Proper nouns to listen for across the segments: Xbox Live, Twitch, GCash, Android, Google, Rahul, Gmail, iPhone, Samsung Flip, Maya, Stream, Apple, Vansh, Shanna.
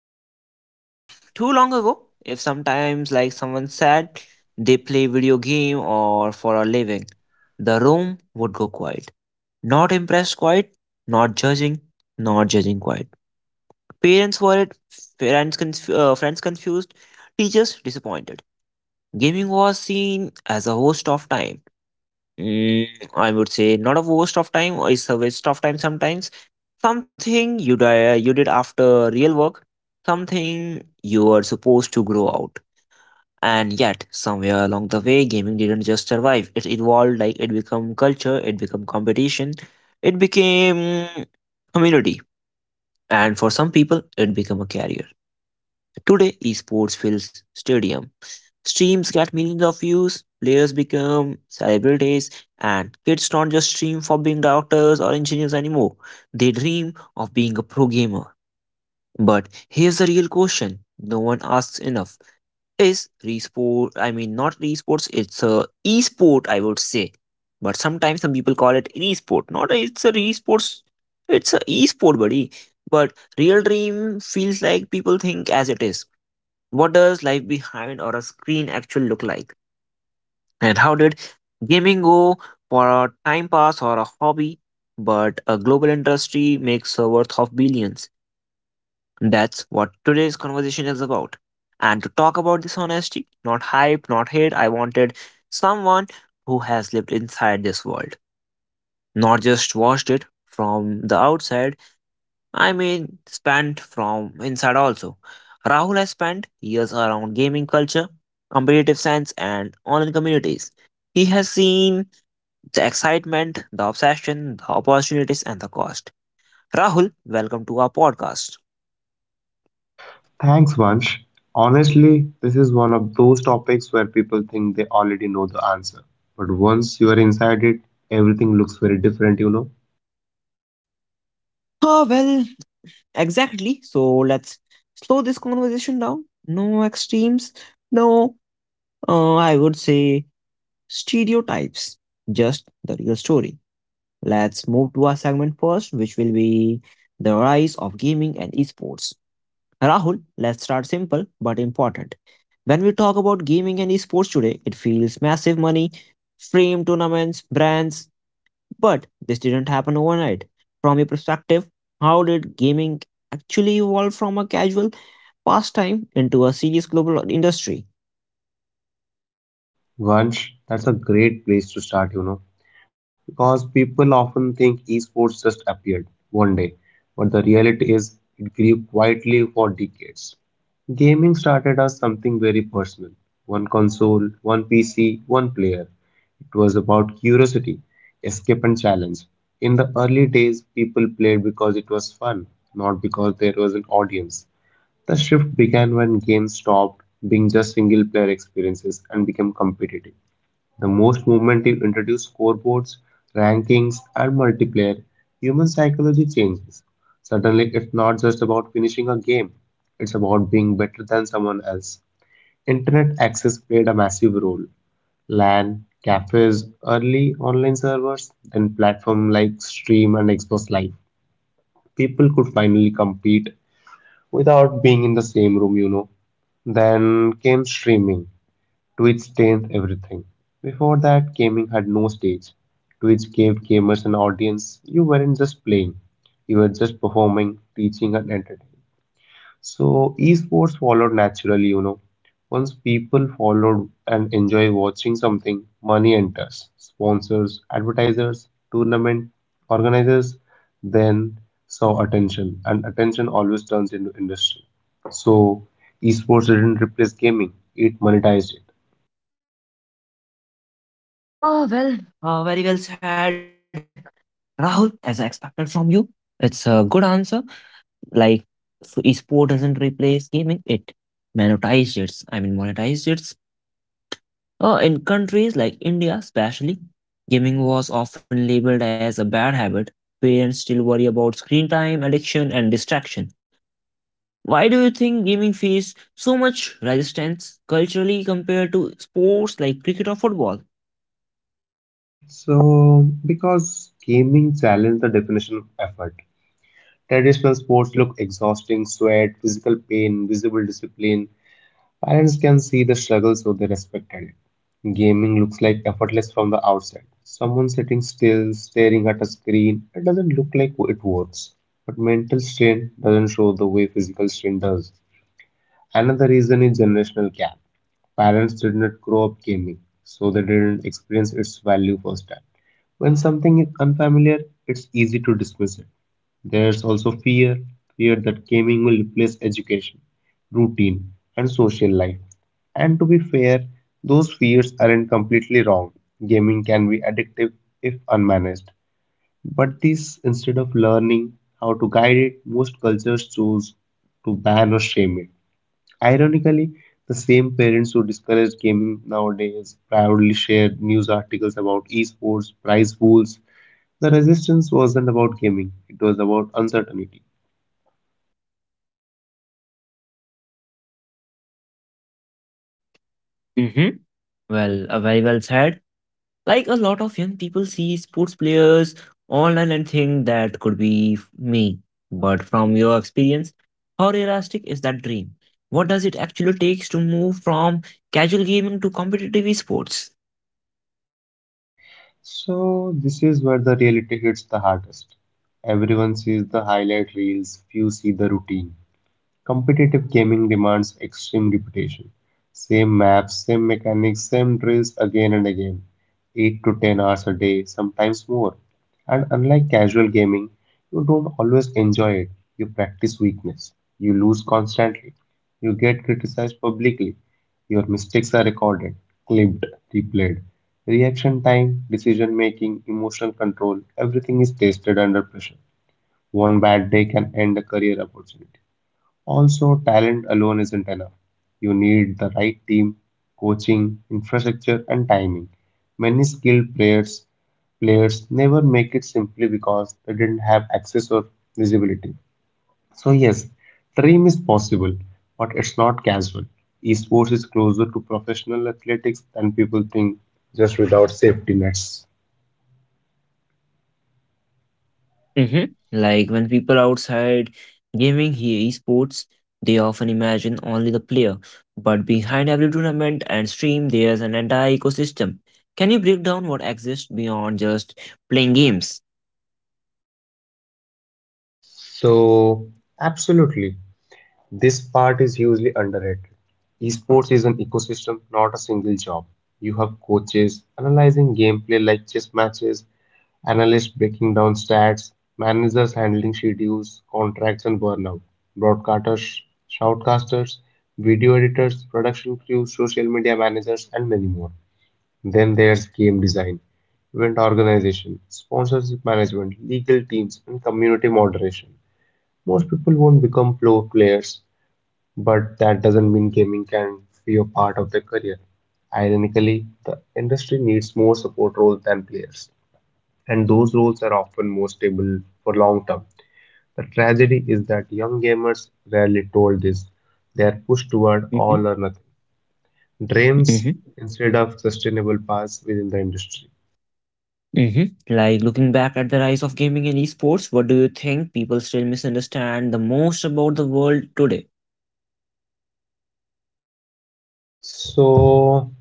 Not too long ago, if sometimes, like someone said, they play video game or for a living, the room would go quiet. Not impressed, quiet. Not judging, not judging, quiet. Parents worried, friends confused, teachers disappointed. Gaming was seen as a waste of time. Mm, I would say not a waste of time, or it's a waste of time sometimes. Something you did after real work, something you were supposed to grow out, and yet somewhere along the way, gaming didn't just survive. It evolved. Like, it became culture, it became competition, it became community, and for some people, it became a career. Today, esports fills stadium. Streams get millions of views, players become celebrities, and kids don't just stream for being doctors or engineers anymore. They dream of being a pro gamer. But here's the real question no one asks enough. Is resport, I mean, not esports, it's a esport, I would say. But sometimes some people call it esport. Not a, it's a esports, it's a esport, buddy. But real dream feels like people think as it is, what does life behind or a screen actually look like? And how did gaming go for a time pass or a hobby, but a global industry makes a worth of billions? That's what today's conversation is about. And to talk about this honesty, not hype, not hate, I wanted someone who has lived inside this world, not just watched it from the outside. I mean, spent from inside also. Rahul has spent years around gaming culture, competitive science, and online communities. He has seen the excitement, the obsession, the opportunities, and the cost. Rahul, welcome to our podcast. Thanks, Vansh. Honestly, this is one of those topics where people think they already know the answer. But once you are inside it, everything looks very different. Ah, well, exactly. So let's slow this conversation down. No extremes, no, I would say, stereotypes, just the real story. Let's move to our segment first, which will be the rise of gaming and esports. Rahul, let's start simple but important. When we talk about gaming and esports today, it feels massive money, stream tournaments, brands, but this didn't happen overnight. From your perspective, how did gaming actually evolve from a casual pastime into a serious global industry? Once, that's a great place to start, because people often think esports just appeared one day, but the reality is it grew quietly for decades. Gaming started as something very personal one console, one PC, one player. It was about curiosity, escape, and challenge. In the early days, people played because it was fun, not because there was an audience. The shift began when games stopped being just single player experiences and became competitive. The most movement team introduced scoreboards, rankings, and multiplayer. Human psychology changes. Suddenly, it's not just about finishing a game, it's about being better than someone else. Internet access played a massive role. LAN, cafes, early online servers, then platforms like Stream and Xbox Live. People could finally compete without being in the same room. Then came streaming. Twitch changed everything. Before that, gaming had no stage. Twitch gave gamers an audience. You weren't just playing, you were just performing, teaching, and entertaining. So esports followed naturally. Once people followed and enjoy watching something, money enters. Sponsors, advertisers, tournament organizers then saw attention, and attention always turns into industry. So esports didn't replace gaming, it monetized it. Oh, well, very well said, Rahul, as I expected from you. It's a good answer. Like, so esport doesn't replace gaming, it monetized it. I mean, monetized it. In countries like India especially, gaming was often labeled as a bad habit. Parents still worry about screen time, addiction and distraction. Why do you think gaming faced so much resistance culturally compared to sports like cricket or football? So because gaming challenged the definition of effort. Traditional sports look exhausting, sweat, physical pain, visible discipline, parents can see the struggle so they respected it. Gaming looks like effortless from the outside. Someone sitting still, staring at a screen, it doesn't look like it works. But mental strain doesn't show the way physical strain does. Another reason is generational gap. Parents did not grow up gaming, so they didn't experience its value firsthand. When something is unfamiliar, it's easy to dismiss it. There's also fear that gaming will replace education, routine, and social life. And to be fair, those fears aren't completely wrong. Gaming can be addictive if unmanaged. But this, instead of learning how to guide it, most cultures choose to ban or shame it. Ironically, the same parents who discourage gaming nowadays proudly share news articles about esports, prize pools. The resistance wasn't about gaming, it was about uncertainty. Mm-hmm. Well, very well said. Like, a lot of young people see sports players online and think that could be me. But from your experience, how realistic is that dream? What does it actually takes to move from casual gaming to competitive esports? So, this is where the reality hits the hardest. Everyone sees the highlight reels, few see the routine. Competitive gaming demands extreme repetition. Same maps, same mechanics, same drills again and again. 8 to 10 hours a day, sometimes more. And unlike casual gaming, you don't always enjoy it. You practice weakness. You lose constantly. You get criticized publicly. Your mistakes are recorded, clipped, replayed. Reaction time, decision making, emotional control, everything is tested under pressure. One bad day can end a career opportunity. Also, talent alone isn't enough. You need the right team, coaching, infrastructure, and timing. Many skilled players never make it simply because they didn't have access or visibility. So yes, dream is possible, but it's not casual. Esports is closer to professional athletics than people think, just without safety nets. Hmm. Like, when people outside gaming hear esports, they often imagine only the player. But behind every tournament and stream, there's an entire ecosystem. Can you break down what exists beyond just playing games? So absolutely, this part is hugely underrated. Esports is an ecosystem, not a single job. You have coaches analyzing gameplay like chess matches, analysts breaking down stats, managers handling schedules, contracts, and burnout, broadcasters, shoutcasters, video editors, production crews, social media managers, and many more. Then there's game design, event organization, sponsorship management, legal teams, and community moderation. Most people won't become pro players but that doesn't mean gaming can be a part of their career. Ironically, the industry needs more support roles than players, and those roles are often more stable for long term. The tragedy is that young gamers rarely told this. They are pushed toward Hmm. all or nothing dreams instead of sustainable paths within the industry. Mhm. Like, looking back at the rise of gaming and esports, what do you think people still misunderstand the most about the world today? So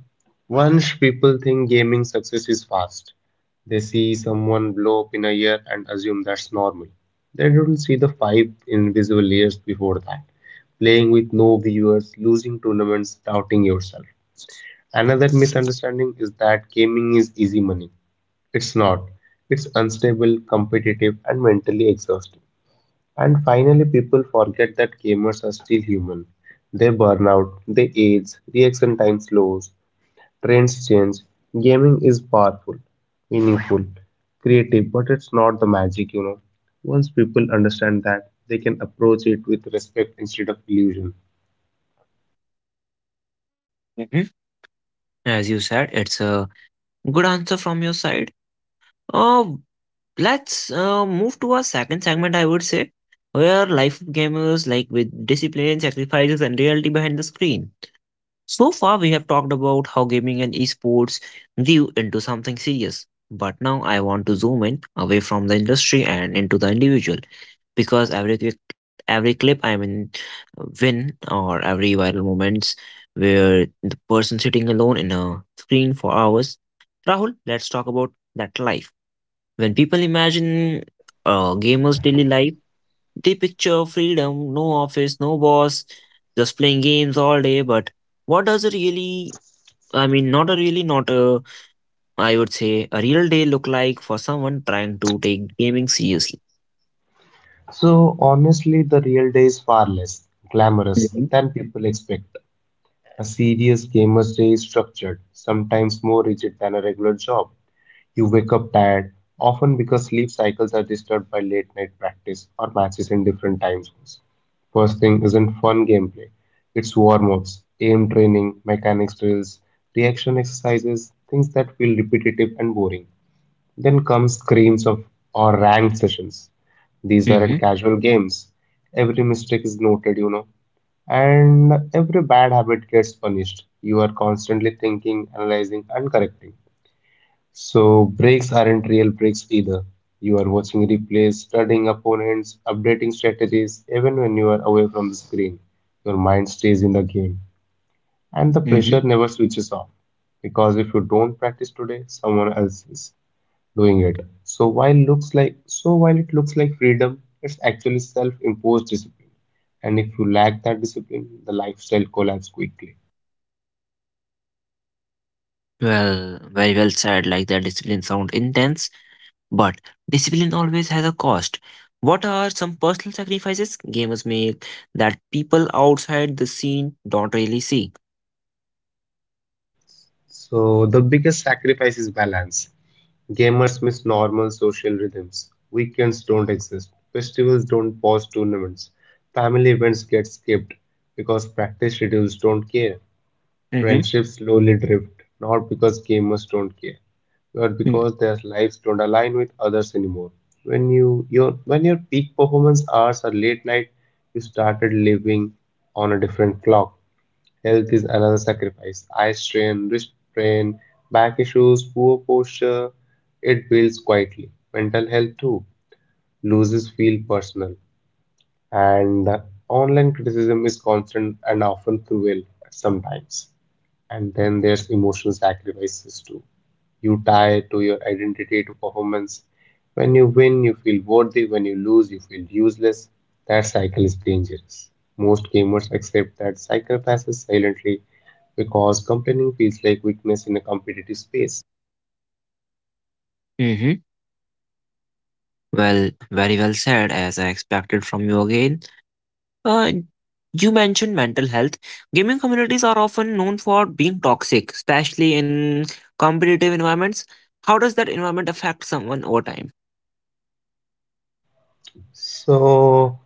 once people think gaming success is fast, they see someone blow up in a year and assume that's normal. They don't see the 5 invisible years before that, playing with no viewers, losing tournaments, doubting yourself. Another misunderstanding is that gaming is easy money. It's not. It's unstable, competitive, and mentally exhausting. And finally, people forget that gamers are still human. They burn out, they age, reaction time slows, trends change. Gaming is powerful, meaningful, creative, but it's not the magic. Once people understand that, they can approach it with respect instead of illusion. Mhm. As you said, it's a good answer from your side. Uh, let's move to our second segment, I would say, where life of gamers, like with discipline, sacrifices, and reality behind the screen. So far, we have talked about how gaming and esports grew into something serious. But now I want to zoom in away from the industry and into the individual, because every clip, I mean, win or every viral moments, where the person sitting alone in a screen for hours. Rahul, let's talk about that life. When people imagine a gamer's daily life, they picture freedom, no office, no boss, just playing games all day. But what does it really, I mean, not a really, not a, I would say, a real day look like for someone trying to take gaming seriously? So, honestly, the real day is far less glamorous Mm-hmm. than people expect. A serious gamer's day is structured, sometimes more rigid than a regular job. You wake up tired, often because sleep cycles are disturbed by late night practice or matches in different time zones. First thing isn't fun gameplay, it's warm ups, aim training, mechanics drills, reaction exercises, things that feel repetitive and boring. Then come screams of or ranked sessions. These Mm-hmm. aren't casual games. Every mistake is noted, and every bad habit gets punished. You are constantly thinking, analyzing, and correcting. So breaks aren't real breaks either. You are watching replays, studying opponents, updating strategies, even when you are away from the screen. Your mind stays in the game, and the Mm-hmm. pressure never switches off. Because if you don't practice today, someone else is doing it. So while it looks like freedom, it's actually self-imposed discipline. And if you lack that discipline, the lifestyle collapses quickly. Well, very well said. Like, that discipline sound intense, but discipline always has a cost. What are some personal sacrifices gamers make that people outside the scene don't really see? So the biggest sacrifice is balance. Gamers miss normal social rhythms. Weekends don't exist. Festivals don't pause tournaments. Family events get skipped because practice schedules don't care. Mm-hmm. Friendships slowly drift, not because gamers don't care, but because their lives don't align with others anymore. When your peak performance hours are late night, you started living on a different clock. Health is another sacrifice. Eye strain, wrist strain, back issues, poor posture. It builds quietly. Mental health too loses feel personal, and the online criticism is constant and often cruel sometimes. And then there's emotional sacrifices too. You tie to your identity to performance. When you win, you feel worthy. When you lose, you feel useless. That cycle is dangerous. Most gamers accept that cycle passes silently because complaining feels like weakness in a competitive space. Mm-hmm. Well, very well said, as I expected from you again. Uh, you mentioned mental health. Gaming communities are often known for being toxic, especially in competitive environments. How does that environment affect someone over time? So,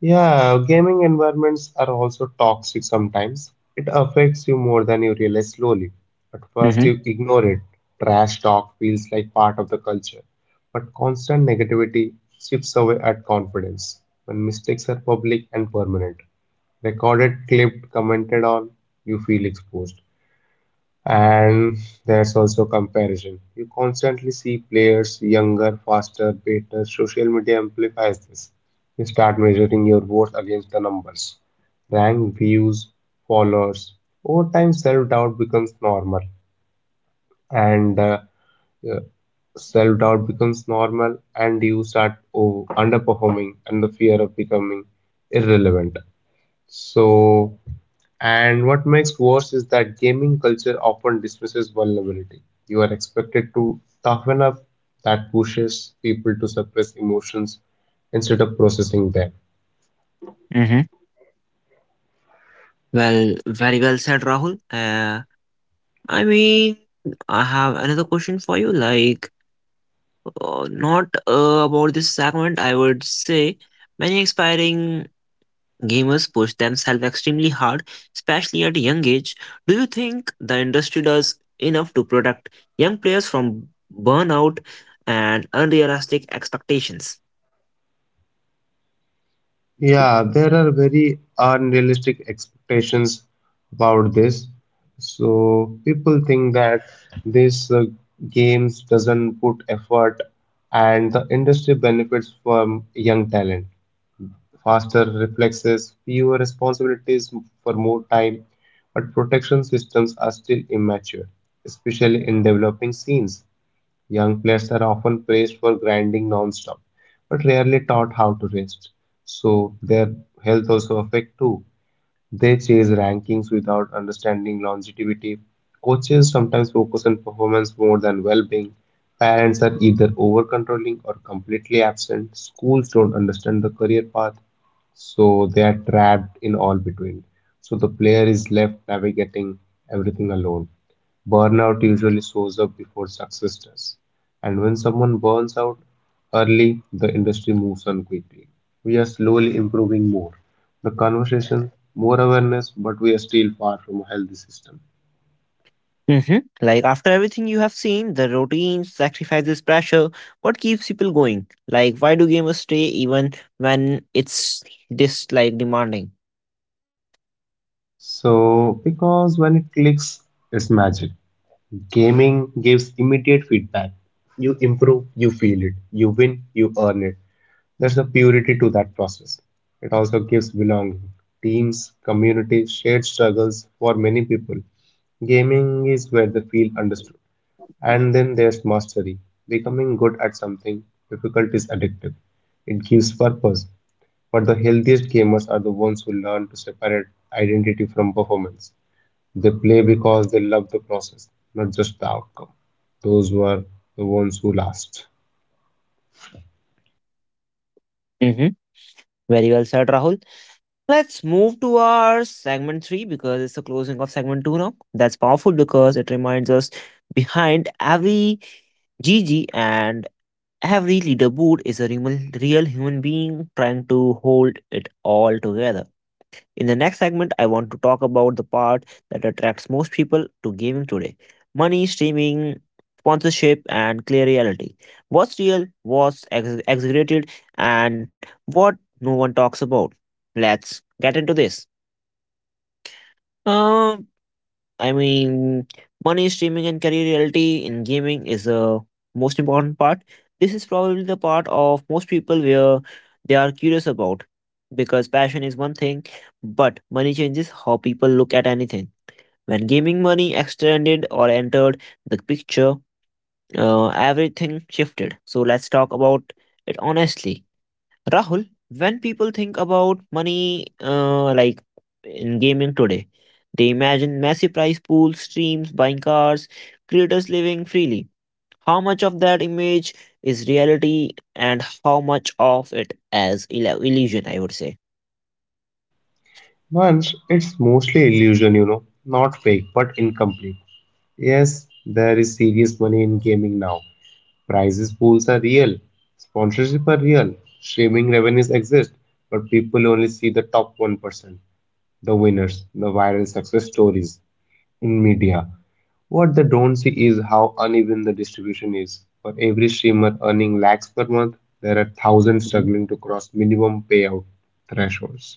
yeah, gaming environments are also toxic sometimes. It affects you more than you realize slowly. At first, you Mm-hmm. ignore it. Trash talk feels like part of the culture. But constant negativity chips away at confidence. When mistakes are public and permanent, recorded, clipped, commented on, you feel exposed. And there's also comparison. You constantly see players younger, faster, better. Social media amplifies this. You start measuring your worth against the numbers, rank, views, followers. Over time, and uh, self doubt becomes normal, and you start underperforming, and the fear of becoming irrelevant. So and what makes worse is that gaming culture often dismisses vulnerability. You are expected to toughen up, that pushes people to suppress emotions instead of processing them. Mm-hmm. Well, very well said, Rahul. I mean, I have another question for you. Like, not about this segment, I would say, many expiring gamers push themselves extremely hard, especially at a young age. Do you think the industry does enough to protect young players from burnout and unrealistic expectations? Yeah, there are very unrealistic expectations about this. So people think that these games doesn't put effort, and the industry benefits from young talent. Faster reflexes, fewer responsibilities for more time, but protection systems are still immature, especially in developing scenes. Young players are often praised for grinding non-stop, but rarely taught how to rest, so their health also affect too. They chase rankings without understanding longevity. Coaches sometimes focus on performance more than well being. Parents are either over controlling or completely absent. Schools don't understand the career path, so they are trapped in all between. So the player is left navigating everything alone. Burnout usually shows up before success does. And when someone burns out early, the industry moves on quickly. We are slowly improving more the conversation, more awareness, but we are still far from a healthy system. Hmm. Like, after everything you have seen, the routines, sacrifices, pressure, what keeps people going? Like, why do gamers stay even when it's this like demanding? So, because when it clicks, it's magic. Gaming gives immediate feedback. You improve, you feel it. You win, you earn it. There's a purity to that process. It also gives belonging. Teams, communities, shared struggles for many people. Gaming is where they feel understood. And then there's mastery. Becoming good at something difficult is addictive. It gives purpose. But the healthiest gamers are the ones who learn to separate identity from performance. They play because they love the process, not just the outcome. Those were the ones who last. Hmm. Very well said, Rahul. Let's move to our segment three because it's the closing of segment two now. That's powerful because it reminds us behind every GG and every leaderboard is a real, real human being trying to hold it all together. In the next segment, I want to talk about the part that attracts most people to gaming today, money, streaming, sponsorship, and clear reality. What's real, what's exaggerated, and what no one talks about. Let's get into this. Um, I mean, money streaming and career reality in gaming is a most important part. This is probably the part of most people where they are curious about, because passion is one thing, but money changes how people look at anything. When gaming money extended or entered the picture, everything shifted. So let's talk about it honestly. Rahul, when people think about money, like in gaming today, they imagine massive prize pools, streams, buying cars, creators living freely. How much of that image is reality, and how much of it is illusion? I would say. Once, it's mostly illusion, not fake, but incomplete. Yes, there is serious money in gaming now. Prizes pools are real, sponsorship are real, streaming revenues exist, but people only see the top 1%, the winners, the viral success stories in media. What they don't see is how uneven the distribution is. For every streamer earning lakhs per month, there are thousands Mhm, struggling to cross minimum payout thresholds.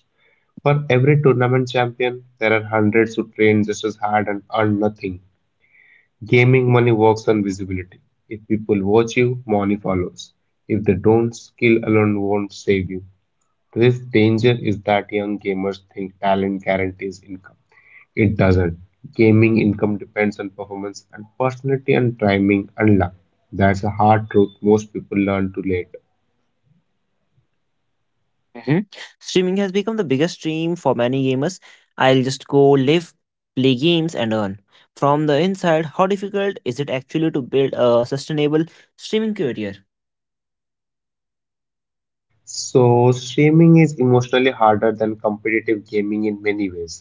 For every tournament champion, there are hundreds who train just as hard and earn nothing. Gaming money works on visibility. If people watch you, money follows. If they don't, skill alone won't save you. This danger is that young gamers think talent guarantees income. It doesn't. Gaming income depends on performance and personality and timing and luck. That's a hard truth most people learn too late. mhm. Streaming has become the biggest stream for many gamers. I'll just go live, play games, and earn. From the inside, how difficult is it actually to build a sustainable streaming career? So, streaming is emotionally harder than competitive gaming in many ways.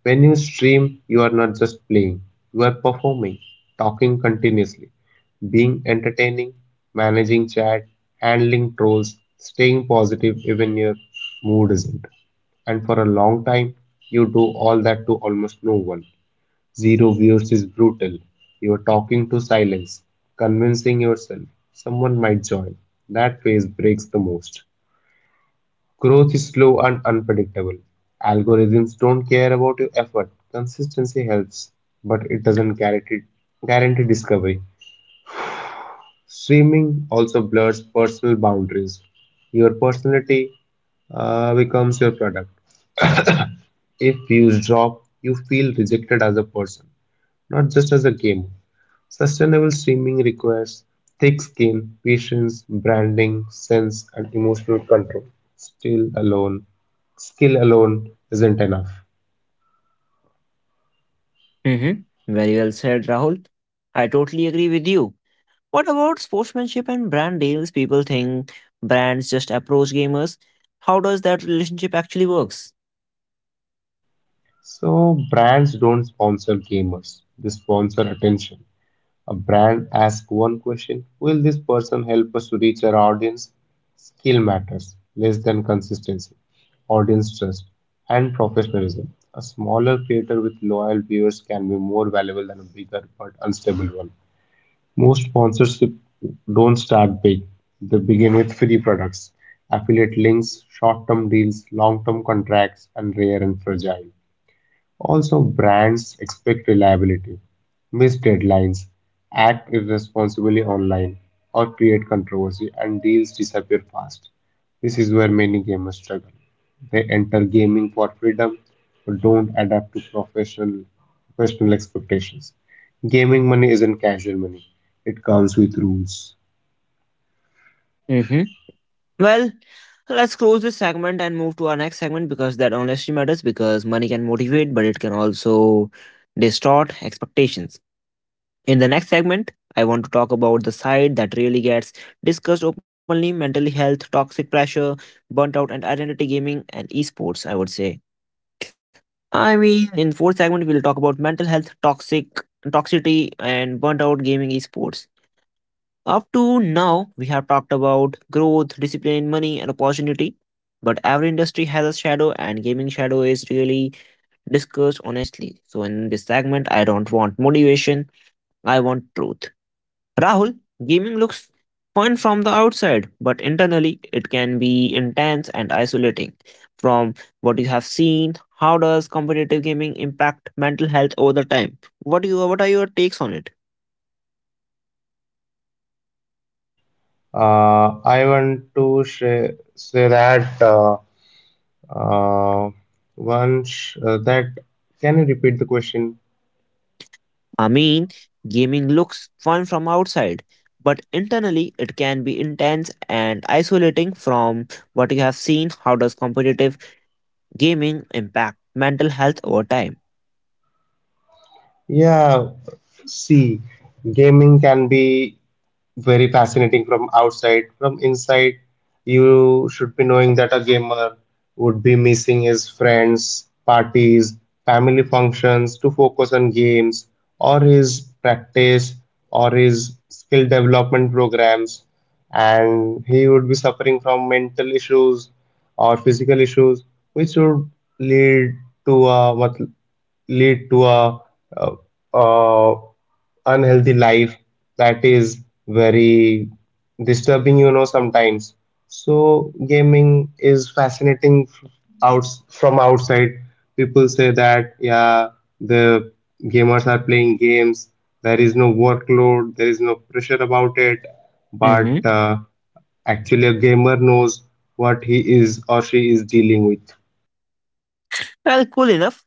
When you stream, you are not just playing, you are performing, talking continuously, being entertaining, managing chat, handling trolls, staying positive even your mood isn't. And for a long time, you do all that to almost no one. Zero views is brutal. You're talking to silence, convincing yourself someone might join. That phase breaks the most. Growth is slow and unpredictable. Algorithms don't care about your effort. Consistency helps, but it doesn't guarantee discovery. Streaming also blurs personal boundaries. Your personality becomes your product. If views drop, you feel rejected as a person, not just as a game. Sustainable streaming requires thick skin, patience, branding, sense, and emotional control. Still alone, skill alone isn't enough. Mm-hmm. Very well said, Rahul. I totally agree with you. What about sportsmanship and brand deals? People think brands just approach gamers. How does that relationship actually works? So brands don't sponsor gamers; they sponsor attention. A brand asks one question: will this person help us to reach our audience? Skill matters less than consistency, audience trust, and professionalism. A smaller creator with loyal viewers can be more valuable than a bigger but unstable one. Most sponsorship don't start big. They begin with free products, affiliate links, short-term deals, long-term contracts, and rare and fragile. Also, brands expect reliability, miss deadlines, act irresponsibly online, or create controversy, and deals disappear fast. This is where many gamers struggle. They enter gaming for freedom but don't adapt to professional expectations. Gaming money isn't casual money. It comes with rules. Mm-hmm. Well, let's close this segment and move to our next segment, because that honestly matters because money can motivate, but it can also distort expectations. In the next segment, I want to talk about the side that really gets discussed openly, mental health, toxic pressure, burnt out, and identity gaming and esports, I would say. I mean, in fourth segment, we'll talk about mental health, toxic toxicity, and burnt out gaming esports. Up to now, we have talked about growth, discipline, money, and opportunity. But every industry has a shadow, and gaming shadow is really discussed honestly. So, in this segment, I don't want motivation. I want truth. Rahul, gaming looks fun from the outside, but internally it can be intense and isolating. From what you have seen, how does competitive gaming impact mental health over the time? What are your takes on it? I want to share, say that uh, once that Can you repeat the question? I mean, gaming looks fun from outside, but internally it can be intense and isolating from what you have seen. How does competitive gaming impact mental health over time? Yeah, see, gaming can be very fascinating from outside. From inside, you should be knowing that a gamer would be missing his friends, parties, family functions to focus on games or his practice or his skill development programs. And he would be suffering from mental issues or physical issues, which would lead to a, what lead to a, uh, uh, unhealthy life that is very disturbing, you know, sometimes. So gaming is fascinating, out from outside. People say that, yeah, the gamers are playing games, there is no workload, there is no pressure about it, but Hmm. uh, actually a gamer knows what he is or she is dealing with. Well, cool enough.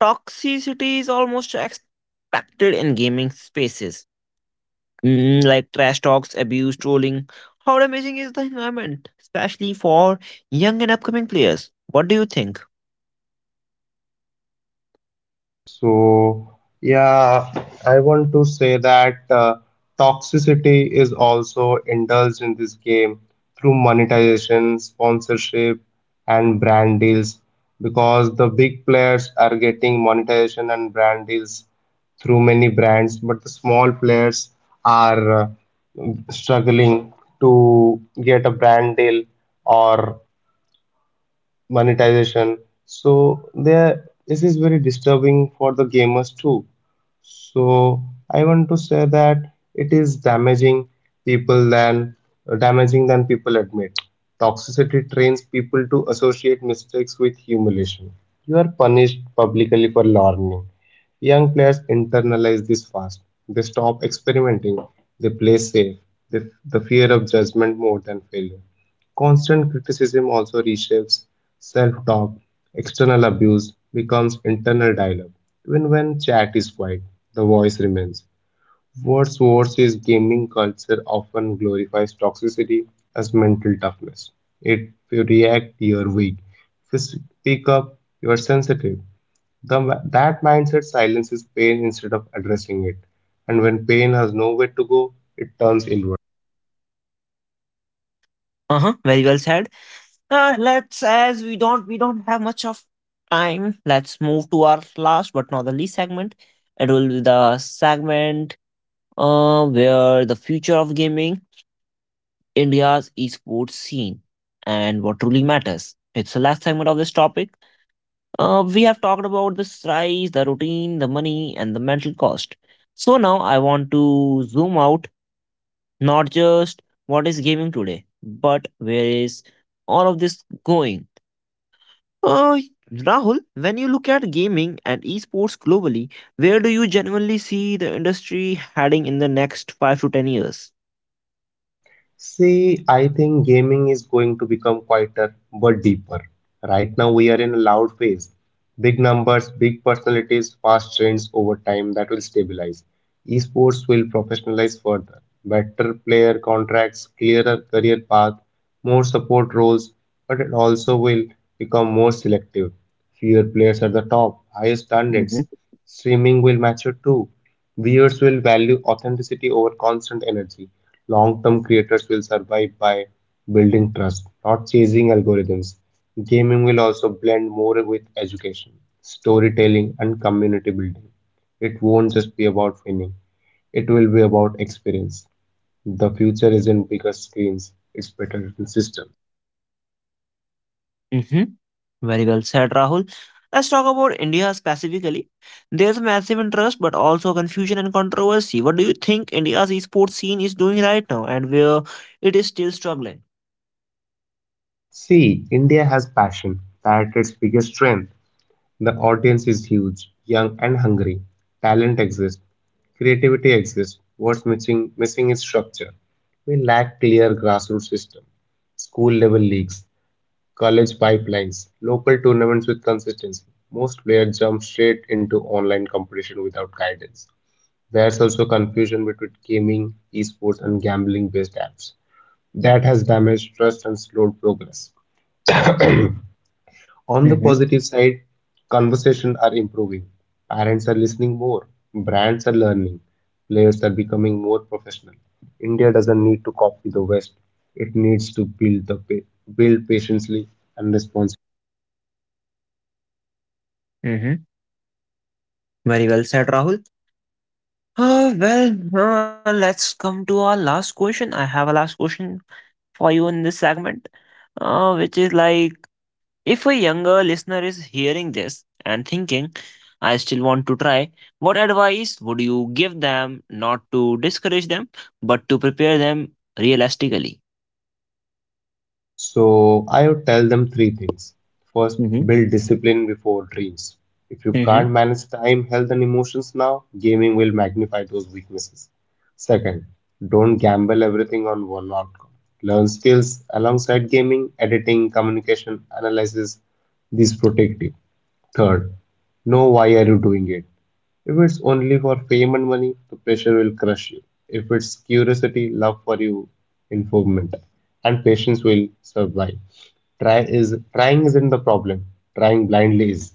Toxicity is almost expected in gaming spaces, like trash talks, abuse, trolling. How damaging is the environment, especially for young and upcoming players? What do you think? So, yeah, I want to say that toxicity is also indulged in this game through monetization, sponsorship, and brand deals because the big players are getting monetization and brand deals through many brands, but the small players are struggling to get a brand deal or monetization. So there, this is very disturbing for the gamers too. So I want to say that it is people than damaging than people admit. Toxicity trains people to associate mistakes with humiliation. You are punished publicly for learning. Young players internalize this fast. They stop experimenting. They play safe. They, the fear of judgment more than failure. Constant criticism also reshapes self talk. External abuse becomes internal dialogue. Even when chat is quiet, the voice remains. What's worse is gaming culture often glorifies toxicity as mental toughness. If you react, you're weak. If you speak up, you're sensitive. That mindset silences pain instead of addressing it. And when pain has nowhere to go, it turns inward. Uh huh. Very well said. Let's, as we don't have much of time. Let's move to our last but not the least segment. It will be the segment, where the future of gaming, India's esports scene, and what truly matters. It's the last segment of this topic. We have talked about the size, the routine, the money, and the mental cost. So now I want to zoom out, not just what is gaming today, but where is all of this going? Uh, Rahul, when you look at gaming and esports globally, where do you genuinely see the industry heading in the next 5 to 10 years? See, I think gaming is going to become quieter but deeper. Right now, we are in a loud phase. Big numbers, big personalities, fast trends over time that will stabilize. Esports will professionalize further. Better player contracts, clearer career path, more support roles, but it also will become more selective. Fewer players at the top, higher standards. Streaming will mature too. Viewers will value authenticity over constant energy. Long term creators will survive by building trust, not chasing algorithms. Gaming will also blend more with education, storytelling, and community building. It won't just be about winning, it will be about experience. The future isn't bigger screens, it's better systems. Mhm. Very well said, Rahul. Let's talk about India specifically. There's massive interest, but also confusion and controversy. What do you think India's esports scene is doing right now, and where it is still struggling? See, India has passion. That's its biggest strength. The audience is huge, young and hungry. Talent exists, creativity exists. What's missing is structure. We lack clear grassroots system, school level leagues, college pipelines, local tournaments with consistency. Most players jump straight into online competition without guidance. There's also confusion between gaming, esports, and gambling based apps. That has damaged trust and slowed progress. On the Mm-hmm. positive side, conversations are improving. Parents are listening more. Brands are learning. Players are becoming more professional. India doesn't need to copy the West. It needs to build patiently and responsibly. Mm-hmm. Very well said, Rahul. Well, let's come to our last question. I have a last question for you in this segment, which is like, if a younger listener is hearing this and thinking, I still want to try, what advice would you give them, not to discourage them, but to prepare them realistically? So I would tell them three things. First, Mm-hmm. build discipline before dreams. If you Mm-hmm. can't manage time, health, and emotions now, gaming will magnify those weaknesses. Second, don't gamble everything on one outcome. Learn skills alongside gaming, editing, communication, analysis. These protect you. Third, know why are you doing it? If it's only for fame and money, the pressure will crush you. If it's curiosity, love for you, involvement, and patience will survive. Trying isn't the problem. Trying blindly is.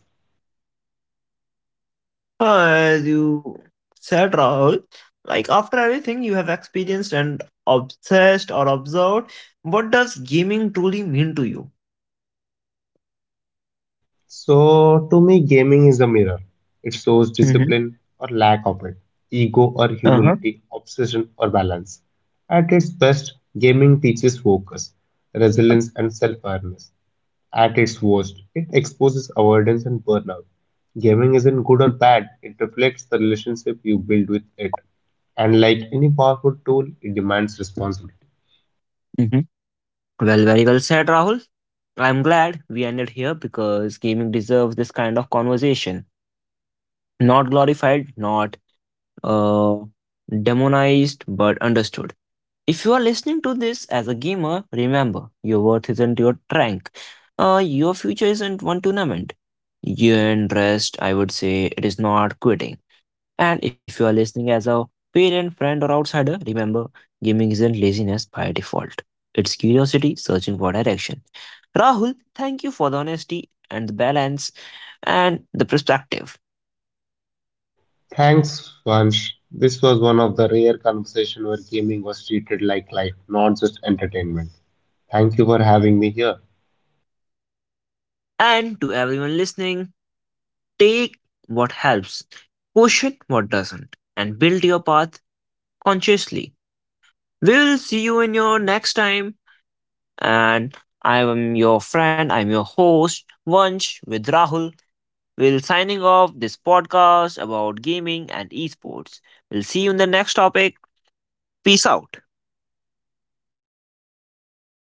As you said, Rahul, like, after everything you have experienced and obsessed or observed, what does gaming truly mean to you? So, to me, gaming is a mirror. It shows Mm-hmm. discipline or lack of it, ego or Uh-huh. humility, obsession or balance. At its best, gaming teaches focus, resilience, and self awareness. At its worst, it exposes avoidance and burnout. Gaming isn't good or bad, it reflects the relationship you build with it. And like any powerful tool, it demands responsibility. Mm-hmm. Well, very well said, Rahul. I'm glad we ended here because gaming deserves this kind of conversation. Not glorified, not uh, demonized, but understood. If you are listening to this as a gamer, remember your worth isn't your rank. Your future isn't one tournament. You and rest, I would say, it is not quitting. And if you are listening as a parent, friend, or outsider, remember gaming isn't laziness by default. It's curiosity searching for direction. Rahul, thank you for the honesty and the balance and the perspective. Thanks, Vansh. This was one of the rare conversations where gaming was treated like life, not just entertainment. Thank you for having me here. And to everyone listening, take what helps, question what doesn't, and build your path consciously. We will see you in your next time. And I am your friend, I'm your host, Vansh, with Rahul. We'll signing off this podcast about gaming and esports. We'll see you in the next topic. Peace out.